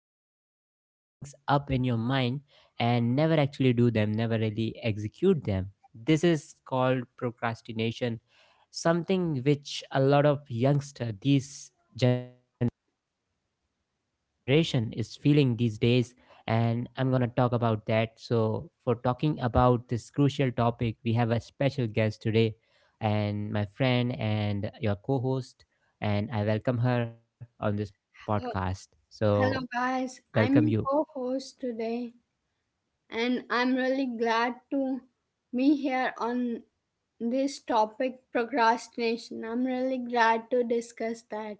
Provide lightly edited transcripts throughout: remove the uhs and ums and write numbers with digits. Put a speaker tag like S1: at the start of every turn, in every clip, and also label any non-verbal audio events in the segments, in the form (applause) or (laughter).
S1: and you just make things up in your mind and never actually do them, never really execute them? This is called procrastination, something which a lot of youngster these generation this generation is feeling these days, and I'm going to talk about that. So for talking about this crucial topic we have a special guest today, and my friend and your co-host, and I welcome her on this podcast.
S2: Oh,
S1: So
S2: hello, guys.
S1: welcome you.
S2: I'm your co host today, and I'm really glad to be here on this topic procrastination. I'm really glad to discuss that.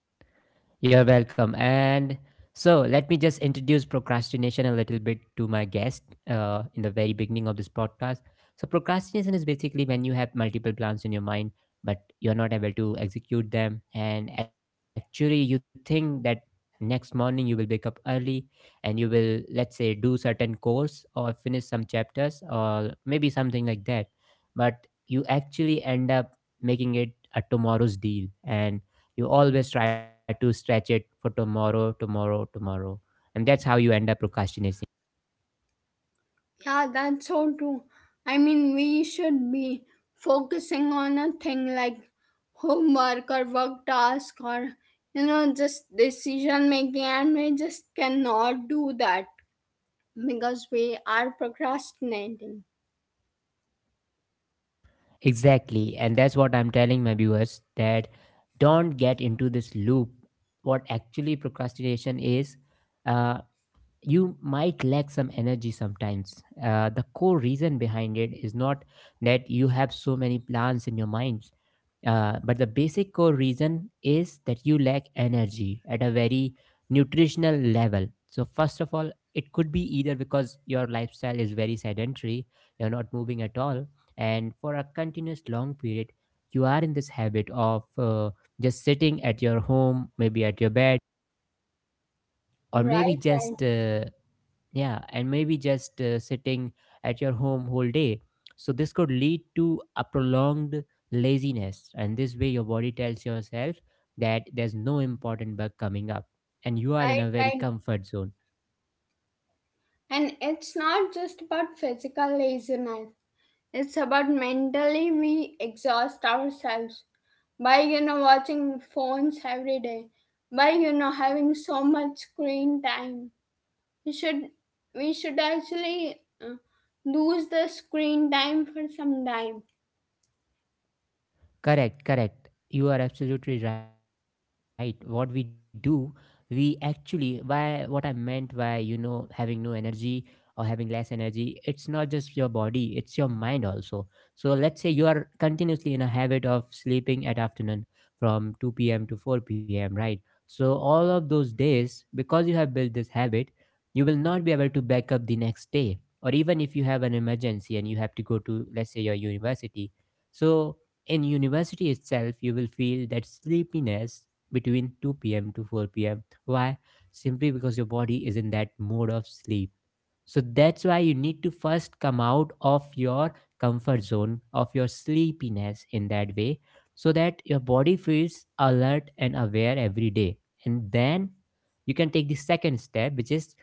S1: You're welcome. And so let me just introduce procrastination a little bit to my guest in the very beginning of this podcast. So, procrastination is basically when you have multiple plans in your mind, but you're not able to execute them. And actually, you think that next morning you will wake up early and you will, let's say, do certain course or finish some chapters or maybe something like that. But you actually end up making it a tomorrow's deal. And you always try to stretch it for tomorrow, tomorrow, tomorrow. And that's how you end up procrastinating.
S2: Yeah, that's so true. I mean, we should be focusing on a thing like homework or work task or just decision making, and we just cannot do that because we are procrastinating.
S1: Exactly. And that's what I'm telling my viewers that don't get into this loop. What actually procrastination is, uh, you might lack some energy sometimes. The core reason behind it is not that you have so many plans in your mind. But the basic core reason is that you lack energy at a very nutritional level. So, first of all, it could be either because your lifestyle is very sedentary, you're not moving at all, and for a continuous long period, you are in this habit of just sitting at your home, maybe at your bed, or maybe
S2: Right,
S1: just yeah and maybe just sitting at your home whole day. So this could lead to a prolonged laziness, and this way your body tells yourself that there's no important bug coming up and you are in
S2: right,
S1: a very
S2: right.
S1: comfort zone.
S2: And it's not just about physical laziness. It's about mentally we exhaust ourselves by watching phones every day, by having so much screen time. We should we should actually uh, lose the screen time for some time.
S1: Correct, correct. You are absolutely right. What we do, we actually, by what I meant by, you know, having no energy or having less energy, it's not just your body, it's your mind also. So let's say you are continuously in a habit of sleeping at afternoon from 2 p.m. to 4 p.m., right? So all of those days, because you have built this habit, you will not be able to back up the next day. Or even if you have an emergency and you have to go to, let's say, your university. So in university itself, you will feel that sleepiness between 2 p.m. to 4 pm. Why? Simply because your body is in that mode of sleep. So that's why you need to first come out of your comfort zone, of your sleepiness in that way, so that your body feels alert and aware every day. And then you can take the second step, which is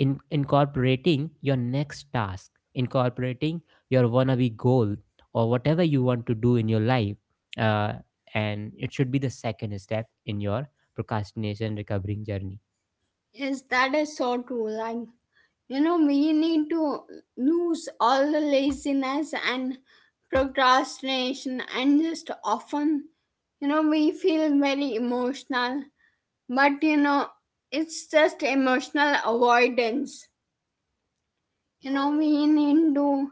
S1: in incorporating your next task incorporating your wannabe goal or whatever you want to do in your life, uh, and it should be the second step in your procrastination recovering journey.
S2: Yes, that is so true. Like, you know, we need to lose all the laziness and procrastination, and just often, you know, we feel very emotional, but it's just emotional avoidance. You know, we need to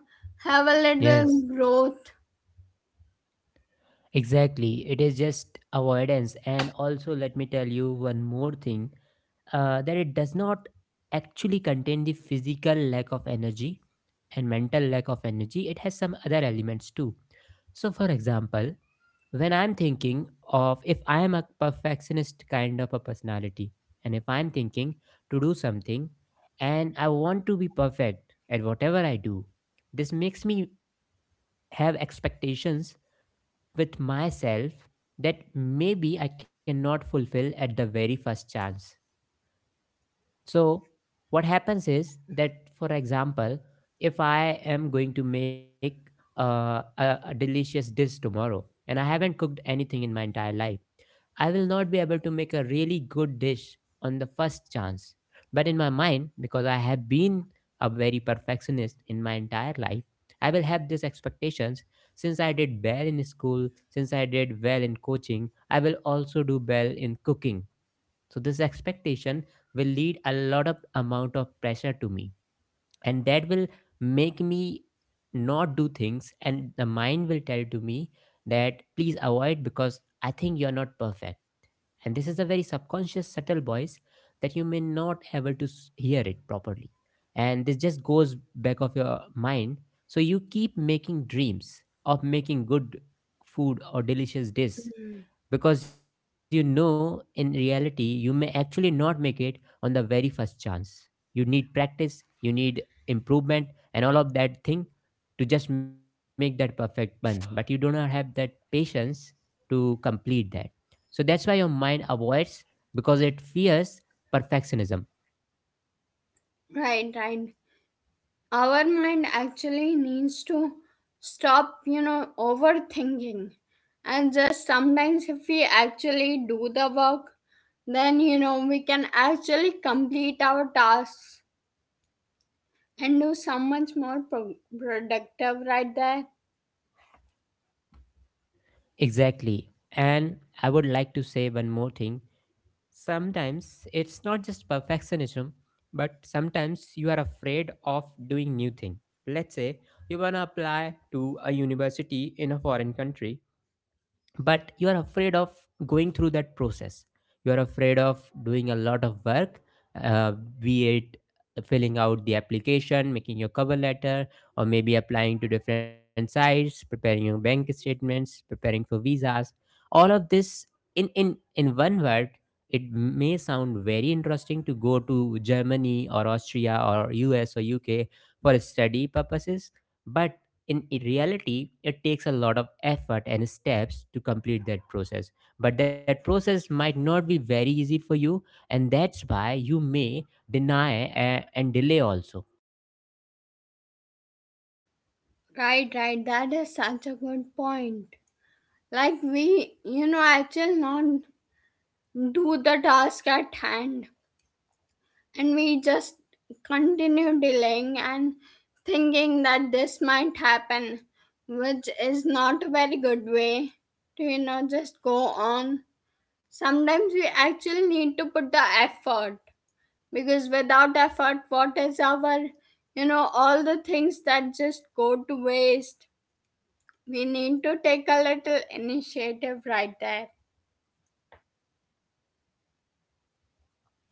S2: have a little
S1: Yes,
S2: growth.
S1: exactly, it is just avoidance. And also let me tell you one more thing, that it does not actually contain the physical lack of energy and mental lack of energy, it has some other elements too. So, for example, when I'm thinking of if I am a perfectionist kind of a personality, and if I'm thinking to do something and I want to be perfect at whatever I do, this makes me have expectations with myself that maybe I cannot fulfill at the very first chance. So, what happens is that, for example, if I am going to make a delicious dish tomorrow and I haven't cooked anything in my entire life, I will not be able to make a really good dish on the first chance. But in my mind, because I have been a very perfectionist in my entire life, I will have these expectations. Since I did well in school, since I did well in coaching, I will also do well in cooking. So this expectation will lead a lot of amount of pressure to me, and that will make me not do things, and the mind will tell to me that please avoid because I think you're not perfect. And this is a very subconscious subtle voice that you may not able to hear it properly, and this just goes back of your mind. So you keep making dreams of making good food or delicious dish,
S2: Mm.
S1: because you know in reality you may actually not make it on the very first chance. You need practice, you need improvement and all of that thing to just make that perfect one, but you do not have that patience to complete that. So that's why your mind avoids, because it fears perfectionism.
S2: Right, right. Our mind actually needs to stop overthinking, and just sometimes if we actually do the work, then we can actually complete our tasks and do so much more productive right there.
S1: Exactly. And I would like to say one more thing. Sometimes it's not just perfectionism, but sometimes you are afraid of doing new thing. Let's say you wanna apply to a university in a foreign country, but you are afraid of going through that process, you are afraid of doing a lot of work, uh, be it filling out the application, making your cover letter, or maybe applying to different sites, preparing your bank statements, preparing for visas. All of this, in one word, it may sound very interesting to go to Germany or Austria or US or UK for study purposes, but in reality, it takes a lot of effort and steps to complete that process, but that process might not be very easy for you, and that's why you may deny and delay also.
S2: Right, right, that is such a good point. Like, we actually not do the task at hand, and we just continue delaying and thinking that this might happen, which is not a very good way to, just go on. Sometimes we actually need to put the effort, because without effort what is our, all the things that just go to waste. We need to take a little initiative right there.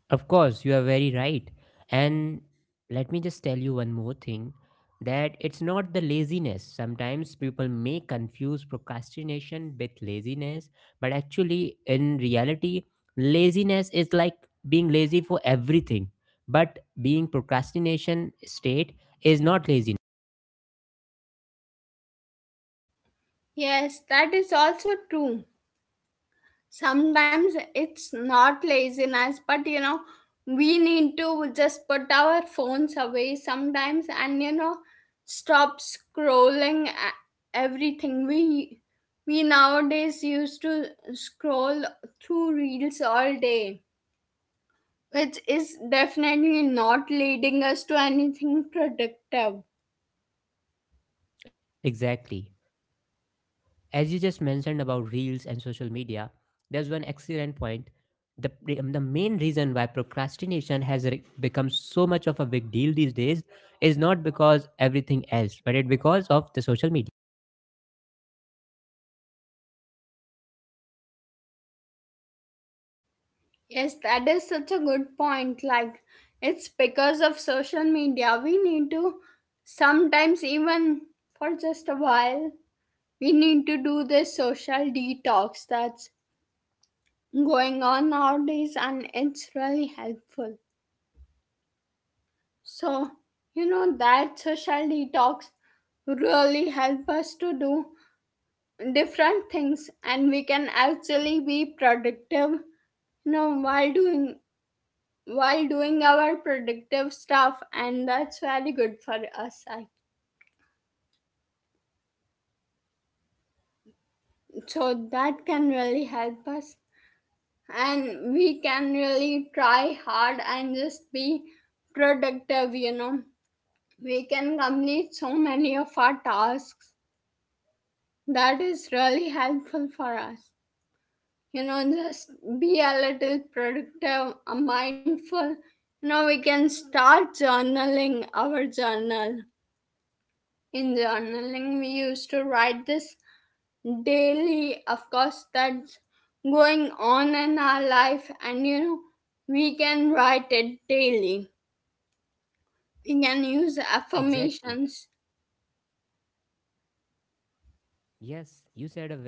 S1: Of course, you are very right. And let me just tell you one more thing, that it's not the laziness. Sometimes people may confuse procrastination with laziness, but actually, in reality, laziness is like being lazy for everything. But being procrastination state is not laziness.
S2: Yes, that is also true. Sometimes it's not laziness, but we need to just put our phones away sometimes, and stop scrolling. Everything we, nowadays used to scroll through reels all day, which is definitely not leading us to anything productive.
S1: Exactly. As you just mentioned about reels and social media, there's one excellent point. The, the main reason why procrastination has become so much of a big deal these days is not because everything else, but it because of the social media.
S2: Yes, that is such a good point. Like, it's because of social media. We need to sometimes, even for just a while, we need to do this social detox that's going on nowadays, and it's really helpful. So, you know, that social detox really help us to do different things, and we can actually be productive, you know, while doing while doing our productive stuff, and that's very good for us. So that can really help us, and we can really try hard and just be productive. You know, we can complete so many of our tasks. That is really helpful for us. You know, just be a little productive, mindful. You know, we can start journaling our journal. In journaling we used to write this daily of course that's going on in our life, and you know we can write it daily. We can use affirmations.
S1: Exactly.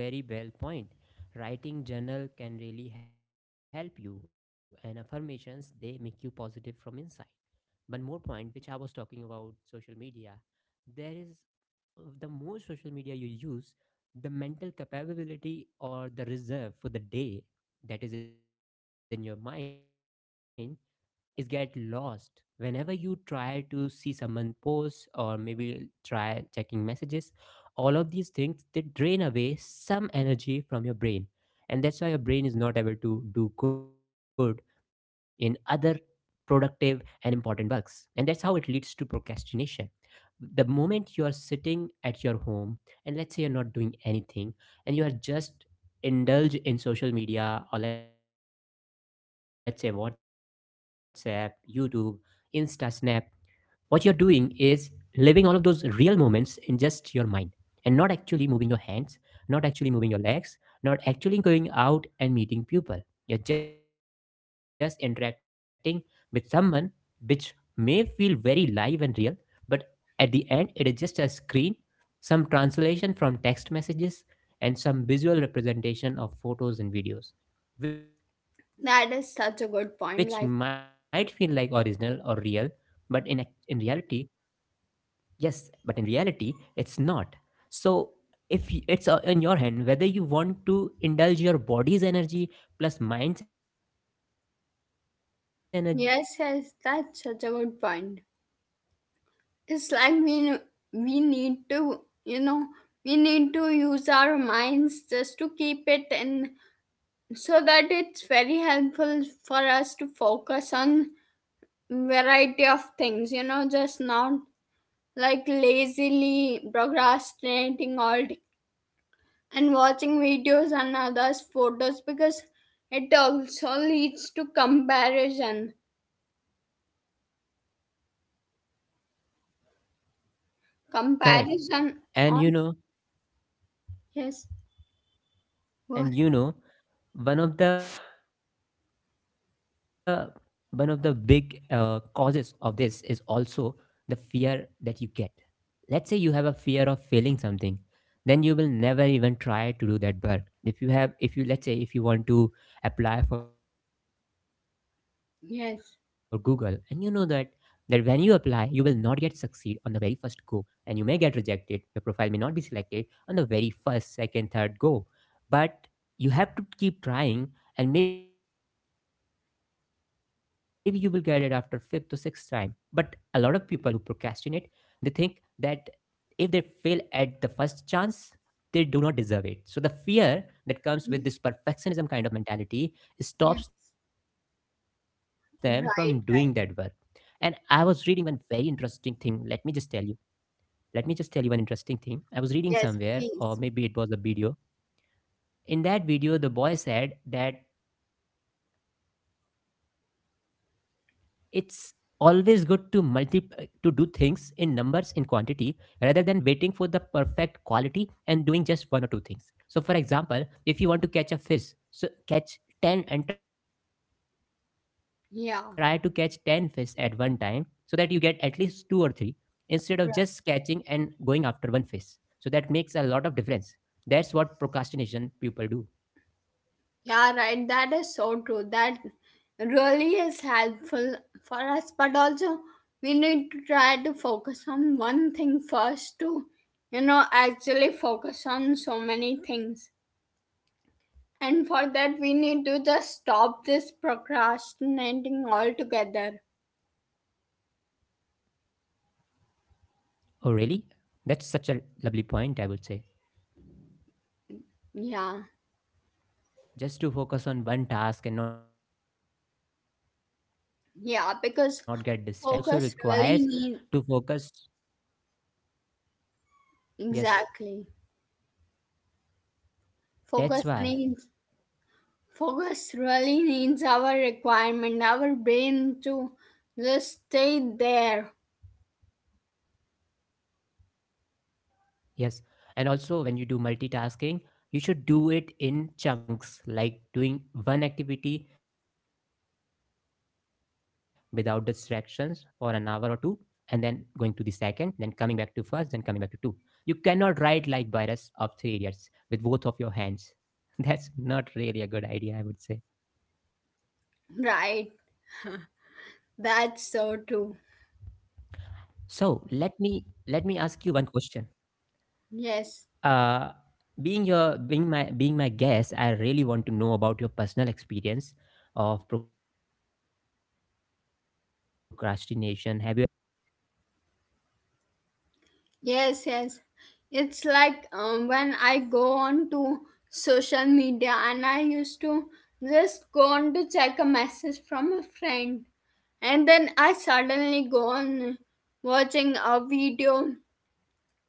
S1: Yes, you said a very well point. Writing journal can really help you, and affirmations they make you positive from inside. One more point, which I was talking about social media, there is the more social media you use, the mental capability or the reserve for the day that is in your mind is get lost. Whenever you try to see someone post or maybe try checking messages, all of these things they drain away some energy from your brain, and that's why your brain is not able to do good in other productive and important works, and that's how it leads to procrastination. The moment you are sitting at your home and let's say you're not doing anything and you are just indulge in social media, or let's say WhatsApp, YouTube, Insta, Snap, what you're doing is living all of those real moments in just your mind and not actually moving your hands, not actually moving your legs, not actually going out and meeting people. You're just interacting with someone which may feel very live and real, but at the end, it is just a screen, some translation from text messages, and some visual representation of photos and videos,
S2: That is
S1: which
S2: such a
S1: might
S2: good
S1: feel like
S2: point. Like,
S1: original or real, but in ac- in reality, yes, but in reality, it's not. So if it's in your hand whether you want to indulge your body's energy plus mind's energy to do something just
S2: yes,
S1: like the
S2: yes,
S1: work you
S2: that's
S1: do
S2: such a
S1: at
S2: good
S1: the
S2: point.
S1: stations.
S2: It's like we need to, you know, we need to use our minds just to keep it in, so that it's very helpful for us to focus on variety of things. You know, just not like lazily procrastinating all day and watching videos and others photos, because it also leads to comparison, comparison on.
S1: Correct. And you know,
S2: Yes. What?
S1: and you know one of the one of the big causes of this is also the fear that you get. Let's say you have a fear of failing something, then you will never even try to do that work. If you have, if you let's say if you want to apply for Google and you know that
S2: Yes,
S1: that when you apply you will not get succeed on the very first go, and you may get rejected, your profile may not be selected on the very first, second, third go. But you have to keep trying, and maybe you will get it after fifth or sixth time. But a lot of people who procrastinate, they think that if they fail at the first chance, they do not deserve it. So the fear that comes with this perfectionism kind of mentality
S2: yes.
S1: stops them from doing that work.
S2: Right.
S1: And I was reading one very interesting thing. Let me just tell you. Let me just tell you one interesting thing.
S2: Yes,
S1: I was
S2: please.
S1: reading somewhere, or maybe it was a video. In that video, the boy said that it's always good to multi to do things in numbers, in quantity, rather than waiting for the perfect quality and doing just one or two things. So for example, if you want to catch a fish, so catch 10 and try to catch 10 fish
S2: Yeah.
S1: at one time, so that you get at least two or three, instead of just catching and going after one fish. So that makes a lot of difference. That's what procrastination people do.
S2: Yeah, right. That is so true. That really is helpful for us. But also, we need to try to focus on one thing first to, you know, actually focus on so many things. And for that, we need to just stop this procrastinating altogether.
S1: Oh, really? That's such a lovely point, I would say.
S2: Yeah,
S1: Just to focus on one task and not get distracted. You
S2: yeah,
S1: may have
S2: because
S1: multitasking, but
S2: focus really
S1: multitasking
S2: need,
S1: also requires to focus.
S2: exactly.
S1: Yes,
S2: Focus needs,
S1: that's why.
S2: focus really needs our requirement, our brain to just stay there.
S1: Yes. And also, when you do multitasking, you should do it in chunks, like doing one activity without distractions for an hour or two, and then going to the second, then coming back to first, then coming back to two. You cannot write like Byrus of Three Idiots with both of your hands. (laughs) That's not really a good idea, I would say.
S2: Right. That's so true.
S1: So let me Let me ask you one question.
S2: Yes.
S1: uh, Being your being my guest, I really want to know about your personal experience of procrastination. Have you ever felt in your life, and how did you cope up with that?
S2: Yes, yes. It's like when I go on to social media, and I used to just go on to check a message from a friend, and then I suddenly go on watching a video,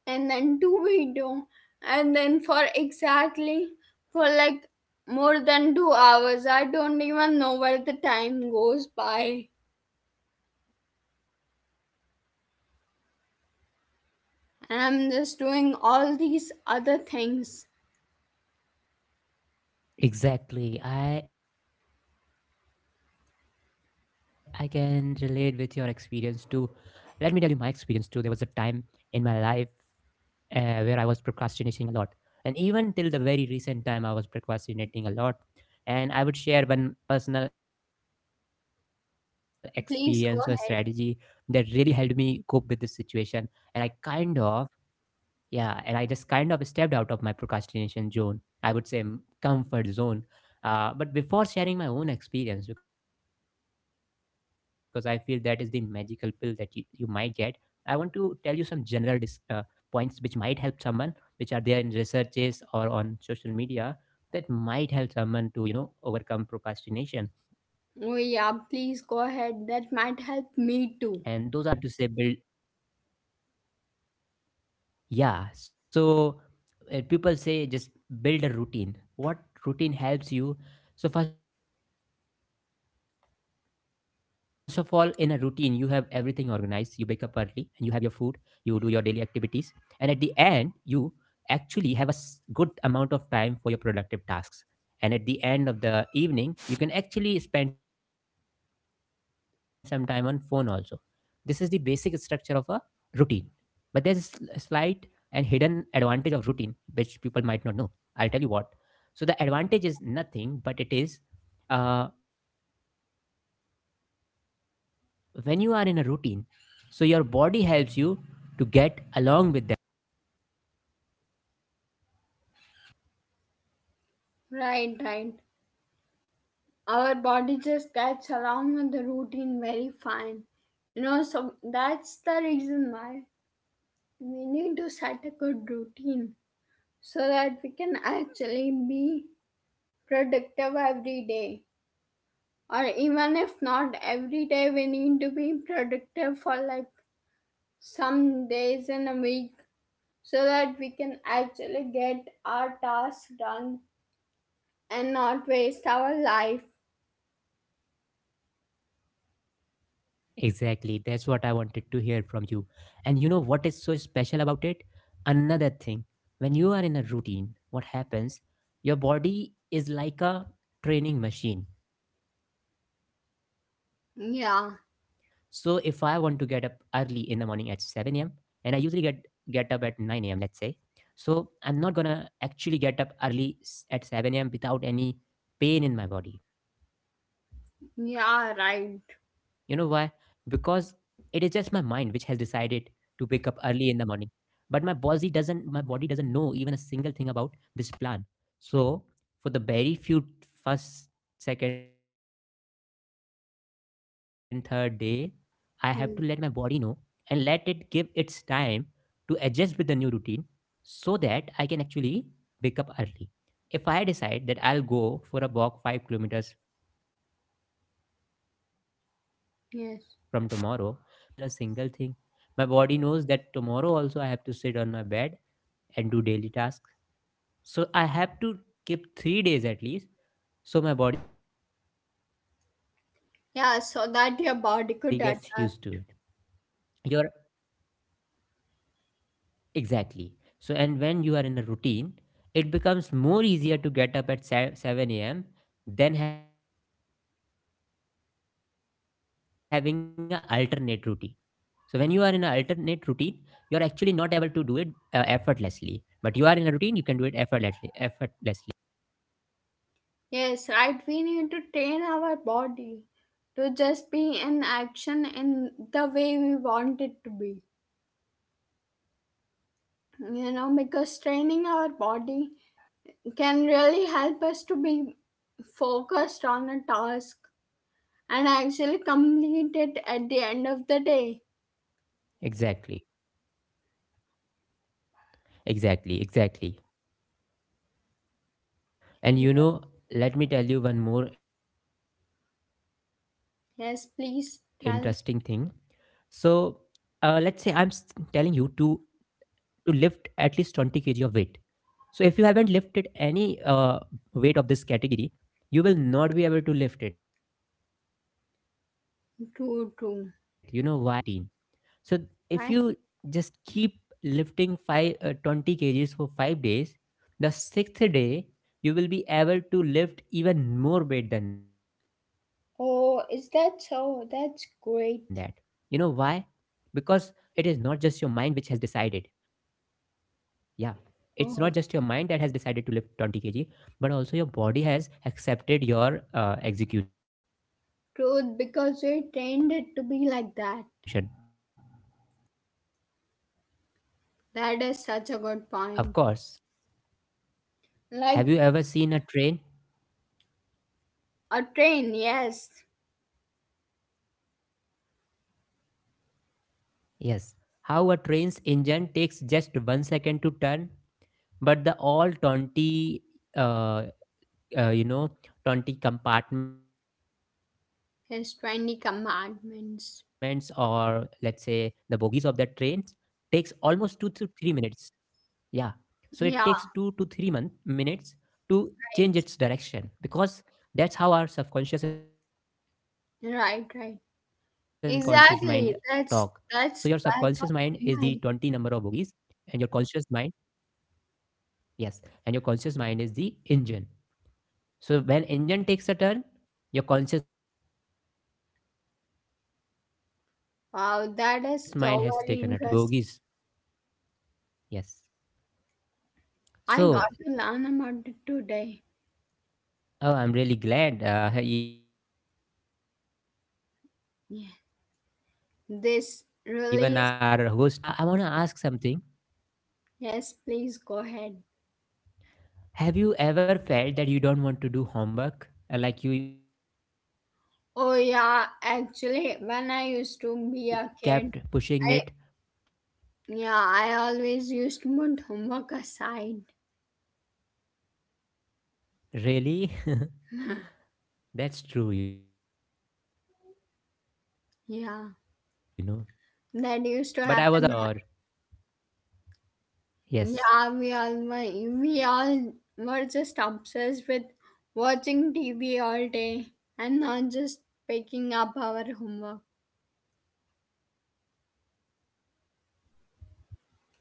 S2: and then two video, and then for exactly for like more than 2 hours, I don't even know where the time goes by, and I'm just doing all these other things.
S1: Exactly, I can relate with your experience too. Let me tell you my experience too. There was a time in my life where I was procrastinating a lot. And even till the very recent time, I was procrastinating a lot. And I would share one personal experience or strategy that
S2: Please
S1: really
S2: go
S1: helped
S2: ahead.
S1: me cope with this situation. And I kind of yeah, and I just kind of stepped out of my procrastination zone. I would say comfort zone. But before sharing my own experience, because I feel that is the magical pill that you might get, I want to tell you some general points which might help someone, which are there in researches or on social media, that might help someone to, you know, overcome procrastination.
S2: Oh yeah,
S1: And
S2: please
S1: those
S2: go
S1: are,
S2: ahead, that
S1: people just
S2: might
S1: say,
S2: help
S1: you know,
S2: me too.
S1: first of all, build a routine. What do you have to say? Build. Yeah, so people say just build a routine. What routine helps you? So, first of all, in a routine, you have everything organized. You wake up early and you have your food, you do your daily activities, and at the end, you actually have a good amount of time for your productive tasks. And at the end of the evening, you can actually spend some time on phone also. This is the basic structure of a routine, but there's a slight and hidden advantage of routine, which people might not know. I'll tell you what. So the advantage is nothing, but it is, uh, when you are in a routine, so your body helps you to get along with that.
S2: Right, right, our body just gets along with the routine very fine. You know, so that's the reason why we need to set a good routine so that we can actually be productive every day, or even if not every day, we need to be productive for like some days in a week, so that we can actually get our tasks done and not waste our life.
S1: Exactly, that's what I wanted to hear from you. And you know what is so special about it? Another thing, when you are in a routine, what happens? Your body is like a training machine. So if I want
S2: Yeah,
S1: to get up early in the morning at 7 a.m. and I usually get up at 9 a.m., let's say. So I'm not gonna actually get up early at 7 a.m. without any pain in my body. You know why?
S2: yeah, right.
S1: Because it is just my mind which has decided to wake up early in the morning. But my body doesn't know even a single thing about this plan. So for the very few first, second, third day, I have to let my body know
S2: Hmm.
S1: and let it give its time to adjust with the new routine so that I can actually wake up early. If I decide that I'll go for a walk 5 kilometers from tomorrow, it is just my
S2: Yes.
S1: mind that has decided it. But my body doesn't know even a single thing. My body knows that tomorrow also I have to sit on my bed and do daily tasks. So I have to keep 3 days at least so my body gets used to it.
S2: Yeah, so
S1: That's the
S2: that your
S1: core
S2: body
S1: principle
S2: could
S1: of
S2: adapt.
S1: routine. So when you are in a routine, your— Exactly. And when you are in a routine, it becomes more easier to get up at 7 a.m. than having an alternate routine. So, when you are in an alternate routine, you are actually not able to do it effortlessly. But you are in a routine, you can do it effortlessly. Effortlessly.
S2: Yes, right. We need to train our body to just be in action in the way we want it to be. You know, because training our body can really help us to be focused on a task and actually complete it at the end of the day.
S1: Exactly. Exactly. Exactly.
S2: Yeah.
S1: And you know, let me tell you one more interesting thing.
S2: Yes, please
S1: So,
S2: tell.
S1: let's say telling you to lift at least 20 kg of weight. So if you haven't lifted any weight of this category, you will not be able to lift it. You know why? Because
S2: True,
S1: your
S2: true.
S1: body is in not is not in this
S2: Right?
S1: routine. So if you just keep lifting five 20 kgs for 5 days, the sixth day you will be able to lift even more weight than that.
S2: Oh, is
S1: You
S2: that
S1: know why?
S2: so? That's
S1: Because
S2: great.
S1: it is not just your mind which has decided. Yeah. It's not
S2: Oh,
S1: just your mind that has decided to lift 20 kg, but also your body has accepted your execution.
S2: true, because we trained it to be like that. That is such a good point.
S1: Of course.
S2: Like
S1: Have you ever seen a train?
S2: a train, yes,
S1: Have you ever seen a train? How a train's yes, how a train's engine takes just one second to turn, but the all 20 uh, you know, 20 compartments,
S2: has
S1: or
S2: 20
S1: let's say the
S2: compartments.
S1: bogies of the train, takes almost two to three minutes. Yeah. So it takes two to
S2: Yeah,
S1: three month, minutes to
S2: right,
S1: change its direction, because that's how our subconscious and conscious mind
S2: right, right.
S1: talk. So your subconscious
S2: Exactly.
S1: mind is the
S2: That's
S1: 20 number
S2: back of
S1: of
S2: my
S1: bogies,
S2: mind.
S1: and your conscious mind, yes, and your conscious mind is the engine. So when engine takes a turn, your conscious mind has taken a turn. And when your subconscious
S2: Wow,
S1: mind is
S2: that is
S1: taking a
S2: so
S1: turn,
S2: very
S1: that's the
S2: interesting.
S1: 20 bogies. Yes.
S2: I got to learn about it
S1: So—
S2: today.
S1: Oh, I'm really glad. Even our
S2: Yeah,
S1: co-host is learning a lot. That's
S2: this
S1: really
S2: release.
S1: impressive. I want to ask something.
S2: Yes, please go ahead.
S1: Have you ever felt that you don't want to do homework, like you
S2: Oh
S1: kept
S2: yeah,
S1: pushing it
S2: actually,
S1: till the
S2: when I
S1: deadline?
S2: used to be a kid, I, yeah, I always used to put homework aside. (laughs)
S1: Really? (laughs) That's true, you know. But I was about to
S2: Yeah,
S1: share one my
S2: that
S1: I would
S2: used to
S1: say
S2: happen.
S1: my experience or—
S2: Yeah,
S1: yes,
S2: we all were just obsessed with watching TV all day and not just picking up our homework.
S1: yes.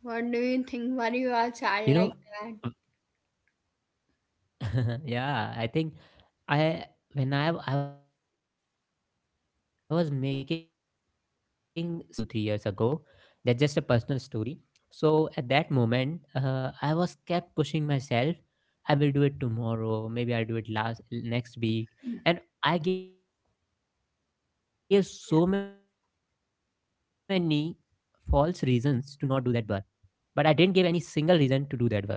S2: What do you think? Were you
S1: You
S2: a
S1: know,
S2: child like that?
S1: (laughs) yeah, I think I when I was making some content for myself at a very, I would say, 2 3 years ago. That's just a personal story. So at that moment, I was kept pushing myself. I will do it tomorrow. Maybe I'll do it last next week. And I gave so many false reasons to not do that work. But I didn't give any single reason to do that work.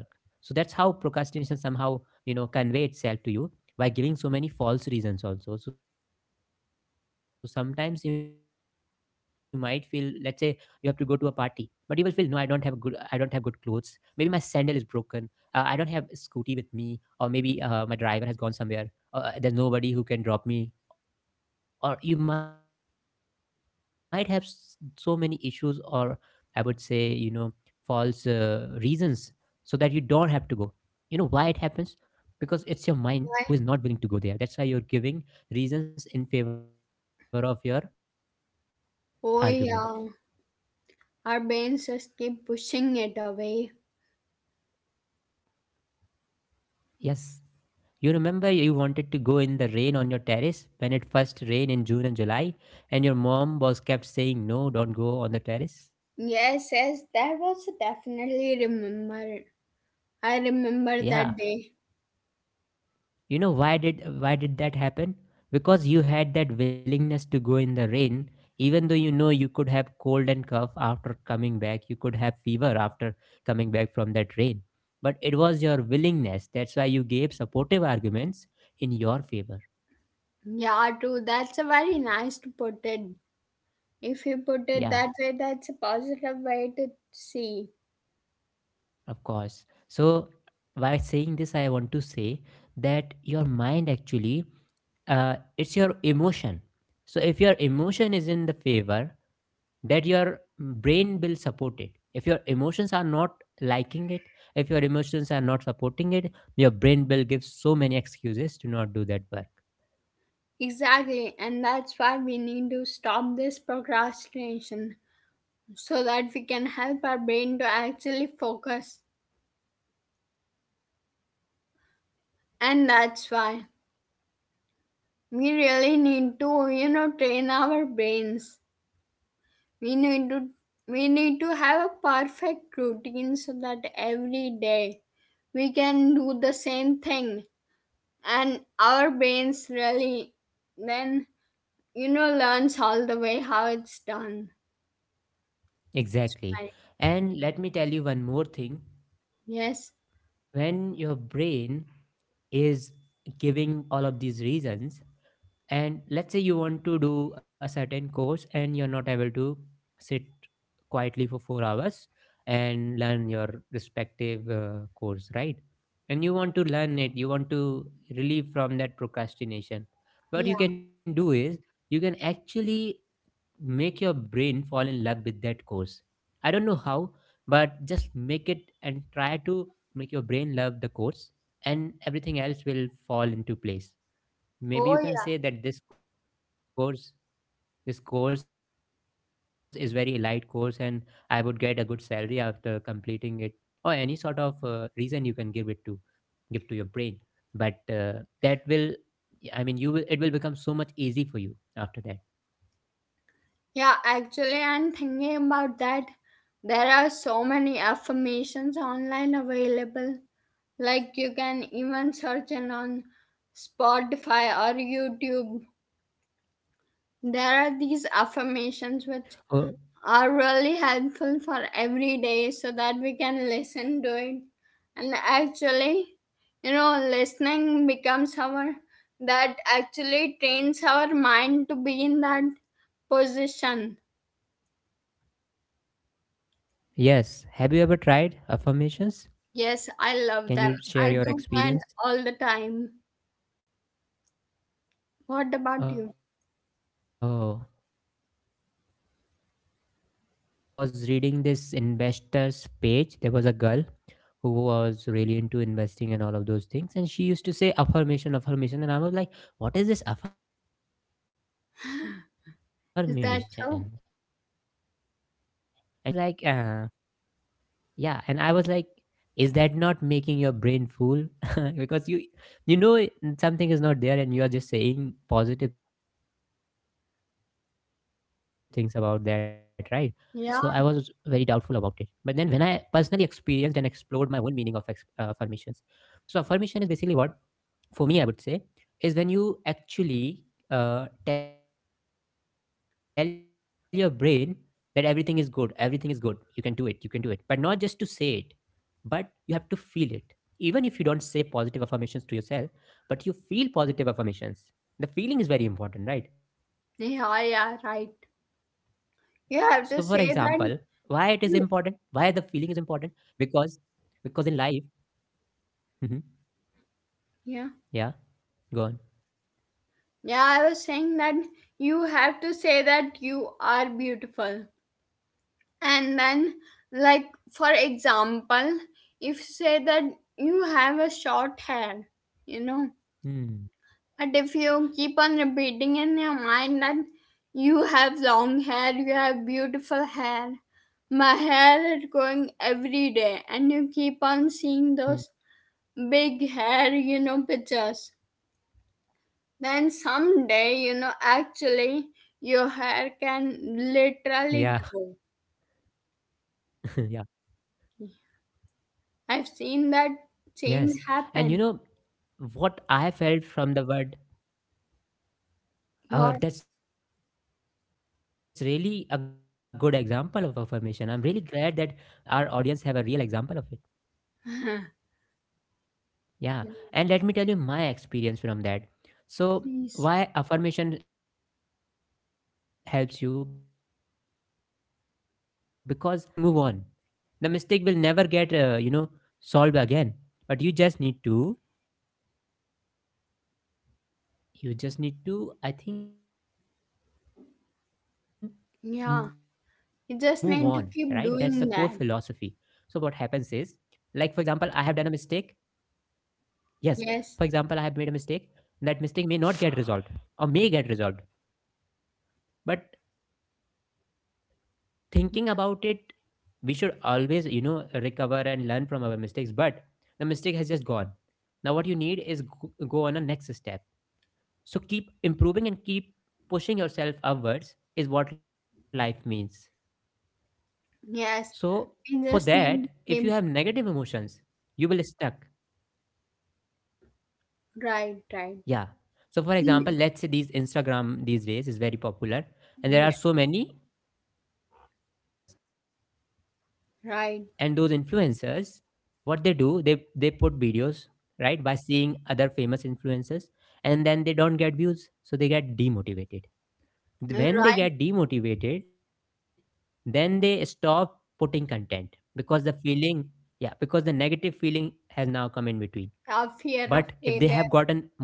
S1: So that's how procrastination somehow, you know, convey itself to you by giving so many false reasons also. So sometimes you might feel, let's say you have to go to a party, but you will feel, no, I don't have good clothes. Maybe my sandal is broken. I don't have a scooty with me, or maybe my driver has gone somewhere. There's nobody who can drop me, or you might have so many issues, or I would say, you know, false reasons, so that you don't have to go. You know why it happens? Because it's your mind
S2: Why?
S1: who is not willing to go there. That's why you're giving reasons in favor of your argument.
S2: Oh yeah, our brains just keep pushing it away.
S1: Yes you remember you wanted to go in the rain on your terrace when it first rained in June and July, and your mom was kept saying, "No, don't go on the terrace"?
S2: Yes, yes, that was definitely remembered. I remember that day.
S1: Yeah, you know, why did that happen? Because you had that willingness to go in the rain, even though, you know, you could have cold and cough after coming back, you could have fever after coming back from that rain. But it was your willingness, that's why you gave supportive arguments in your favor.
S2: Yeah, too. That's a very nice to put it. If you put it that way, that's a
S1: Yeah,
S2: positive way to see.
S1: of course. So by saying this, I want to say that your mind actually, it's your emotion. So if your emotion is in the favor, that your brain will support it. If your emotions are not liking it, if your emotions are not supporting it, your brain will give so many excuses to not do that work.
S2: Exactly, and that's why we need to stop this procrastination, so that we can help our brain to actually focus. And that's why we really need to, you know, train our brains. We need to, have a perfect routine so that every day we can do the same thing, and our brains really then, you know, learns all the way how it's done, right.
S1: Exactly. And let me tell you one more thing.
S2: Yes.
S1: When your brain is giving all of these reasons, and let's say you want to do a certain course and you're not able to sit quietly for 4 hours and learn your respective course, right? And you want to learn it, you want to relieve from that
S2: Yeah.
S1: procrastination. What you can do is you can actually make your brain fall in love with that course. I don't know how, but just make it and try to make your brain love the course, and everything else will fall into place.
S2: Oh yeah.
S1: Maybe you can say that this course is very elite course and I would get a good salary after completing it, or any sort of reason you can give it to give to your brain. But that will, I mean, you will it will become so much easy for you after that.
S2: Yeah, actually I'm thinking about that. There are so many affirmations online available. Like, you can even search it on Spotify or YouTube. There are these affirmations which
S1: Oh
S2: are really helpful for every day, so that we can listen to it, and actually, you know, listening becomes our, that actually trains our mind to be in that position.
S1: yes, have you ever tried affirmations?
S2: Yes, I love them,
S1: Can you
S2: I do
S1: share your
S2: that all
S1: experience?
S2: the time. What about you?
S1: Oh, I have never really tried those affirmations, because once I was reading this investor's page, there was a girl who was really into investing and all of those things, and she used to say affirmation affirmation, and I was like, what is this affirmation? And she
S2: (laughs) Is
S1: used to
S2: that so?
S1: you know, those audios and all that. But I was like, yeah, and I was like, is that not making your brain full? (laughs) Because you know, something is not there, and you are just saying positive things about that, right? So I was very doubtful about it.
S2: Yeah,
S1: But then, when I personally experienced and explored my own meaning of affirmations. So affirmation is basically what? For me, I would say, is when you actually, tell your brain that everything is good, everything is good, you can do it, you can do it. But not just to say it, but you have to feel it. Even if you don't say positive affirmations to yourself, but you feel positive affirmations, the feeling is very important, right?
S2: yeah, yeah,
S1: So for
S2: right.
S1: example, why it is
S2: You have
S1: important,
S2: to say
S1: why the
S2: that
S1: feeling is important?
S2: you,
S1: because because in life. Hmm.
S2: yeah.
S1: Yeah, go on.
S2: Yeah, I was saying that you have to say that you are beautiful, and then,
S1: Mm.
S2: like, for example, if say that you have a short hair, you know, but
S1: Mm.
S2: if you keep on repeating in your mind that you have long hair, you have beautiful hair, my hair is growing every day, and you keep on seeing those
S1: Mm.
S2: big hair, you know, pictures, then someday, you know, actually
S1: Yeah.
S2: your hair can literally grow.
S1: (laughs) Yeah.
S2: I've seen that change
S1: Yes,
S2: happen.
S1: and you know what I felt from the word.
S2: What?
S1: That's really a good example of affirmation. I'm really glad that our audience have a real example of it.
S2: (laughs)
S1: Yeah. And let me tell you my experience from that.
S2: Yes.
S1: So, why affirmation helps you? Because life is all about growing up. You make a mistake, you just move on. The mistake will never get, you know, solved again. But you just need to you just need to I think move on, right? That's
S2: Yeah.
S1: the core
S2: You
S1: philosophy.
S2: just need
S1: So
S2: to
S1: what
S2: keep
S1: happens
S2: doing
S1: is,
S2: that.
S1: like for example, I have done a mistake. Yes, for
S2: Yes.
S1: example, I have made a mistake. That mistake may not get resolved or may get resolved, but thinking about it, we should always, you know, recover and learn from our mistakes. But the mistake has just gone. Now what you need is go, go on a next step. So keep improving and keep pushing yourself upwards is what life means. So for
S2: Yes.
S1: that, if you have
S2: You just
S1: negative
S2: need to
S1: emotions,
S2: keep.
S1: you will stuck. Yeah. So for
S2: Right,
S1: example, let's
S2: right.
S1: say these Instagram
S2: Mm.
S1: these days is very popular, and there are so many
S2: Yeah,
S1: influencers. And those influencers,
S2: right.
S1: what they do, they put videos, right, by seeing other famous influencers, and then they don't get views, so they get demotivated. When they get demotivated,
S2: Right.
S1: then they stop putting content, because the feeling, yeah, because the negative feeling has now come in between. But if they
S2: Our
S1: have
S2: fear
S1: gotten
S2: of
S1: more
S2: failure.
S1: motivated,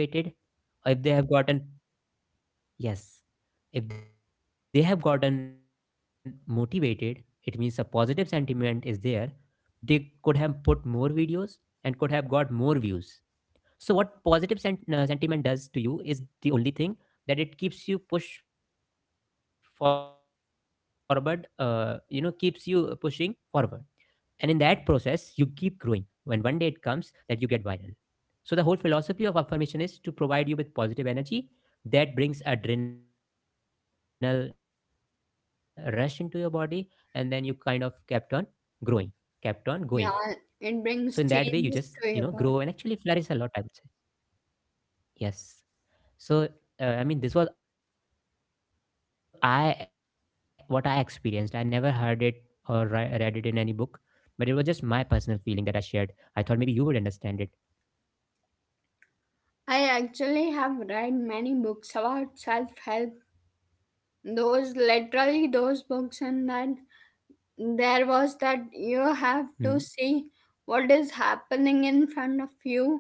S1: or if they have gotten, yes, if they have gotten motivated, it means a positive sentiment is there. They could have put more videos and could have got more views. So, what sentiment does to you is the only thing, that it keeps you push forward, you know, keeps you pushing forward. And in that process, you keep growing. When one day it comes that you get viral. So, the whole philosophy of affirmation is to provide you with positive energy that brings adrenal rush into your body, and then you kind of kept on growing, kept on going.
S2: Yeah.
S1: So,
S2: It
S1: in that
S2: brings
S1: way, you just,
S2: changes
S1: you
S2: to your
S1: know,
S2: body.
S1: grow and actually flourish a lot, I would say. Yes. So, I mean, this was I what I experienced. I never heard it or read it in any book, but it was just my personal feeling that I shared. I thought maybe you would understand it.
S2: I actually have read many books about self help. Those literally those books, and that there was that you have to
S1: Hmm.
S2: see what is happening in front of you,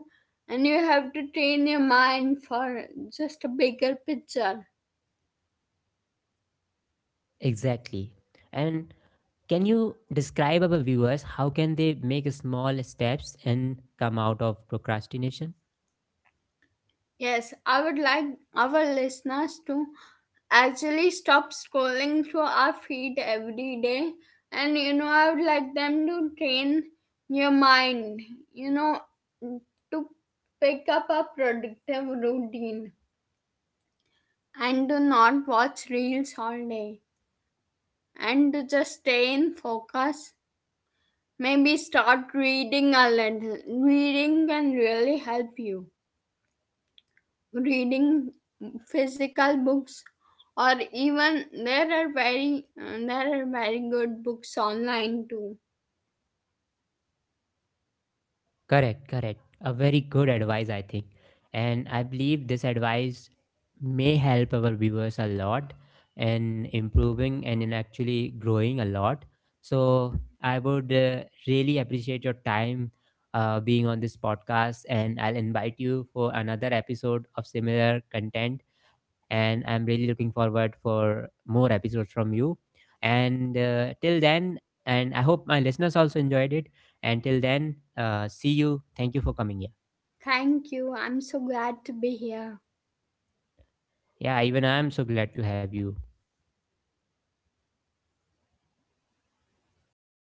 S2: and you have to train your mind for just a bigger picture.
S1: Exactly. And can you describe our viewers how can they make small steps and come out of procrastination?
S2: Yes, I would like our listeners to actually stop scrolling through our feed every day, and you know I would like them to train your mind, you know, to pick up a productive routine and do not watch reels all day and just stay in focus. Maybe start reading a little. Reading can really help you. Reading physical books, or even there are very, there are very good books online too.
S1: Correct, correct. A very good advice, I think. And I believe this advice may help our viewers a lot in improving and in actually growing a lot. So I would really appreciate your time being on this podcast, and I'll invite you for another episode of similar content. And I'm really looking forward for more episodes from you. And till then, and I hope my listeners also enjoyed it. Until then, see you. Thank you for coming
S2: Thank
S1: here.
S2: you. I'm so glad to be here.
S1: Yeah, even I am so glad to have you.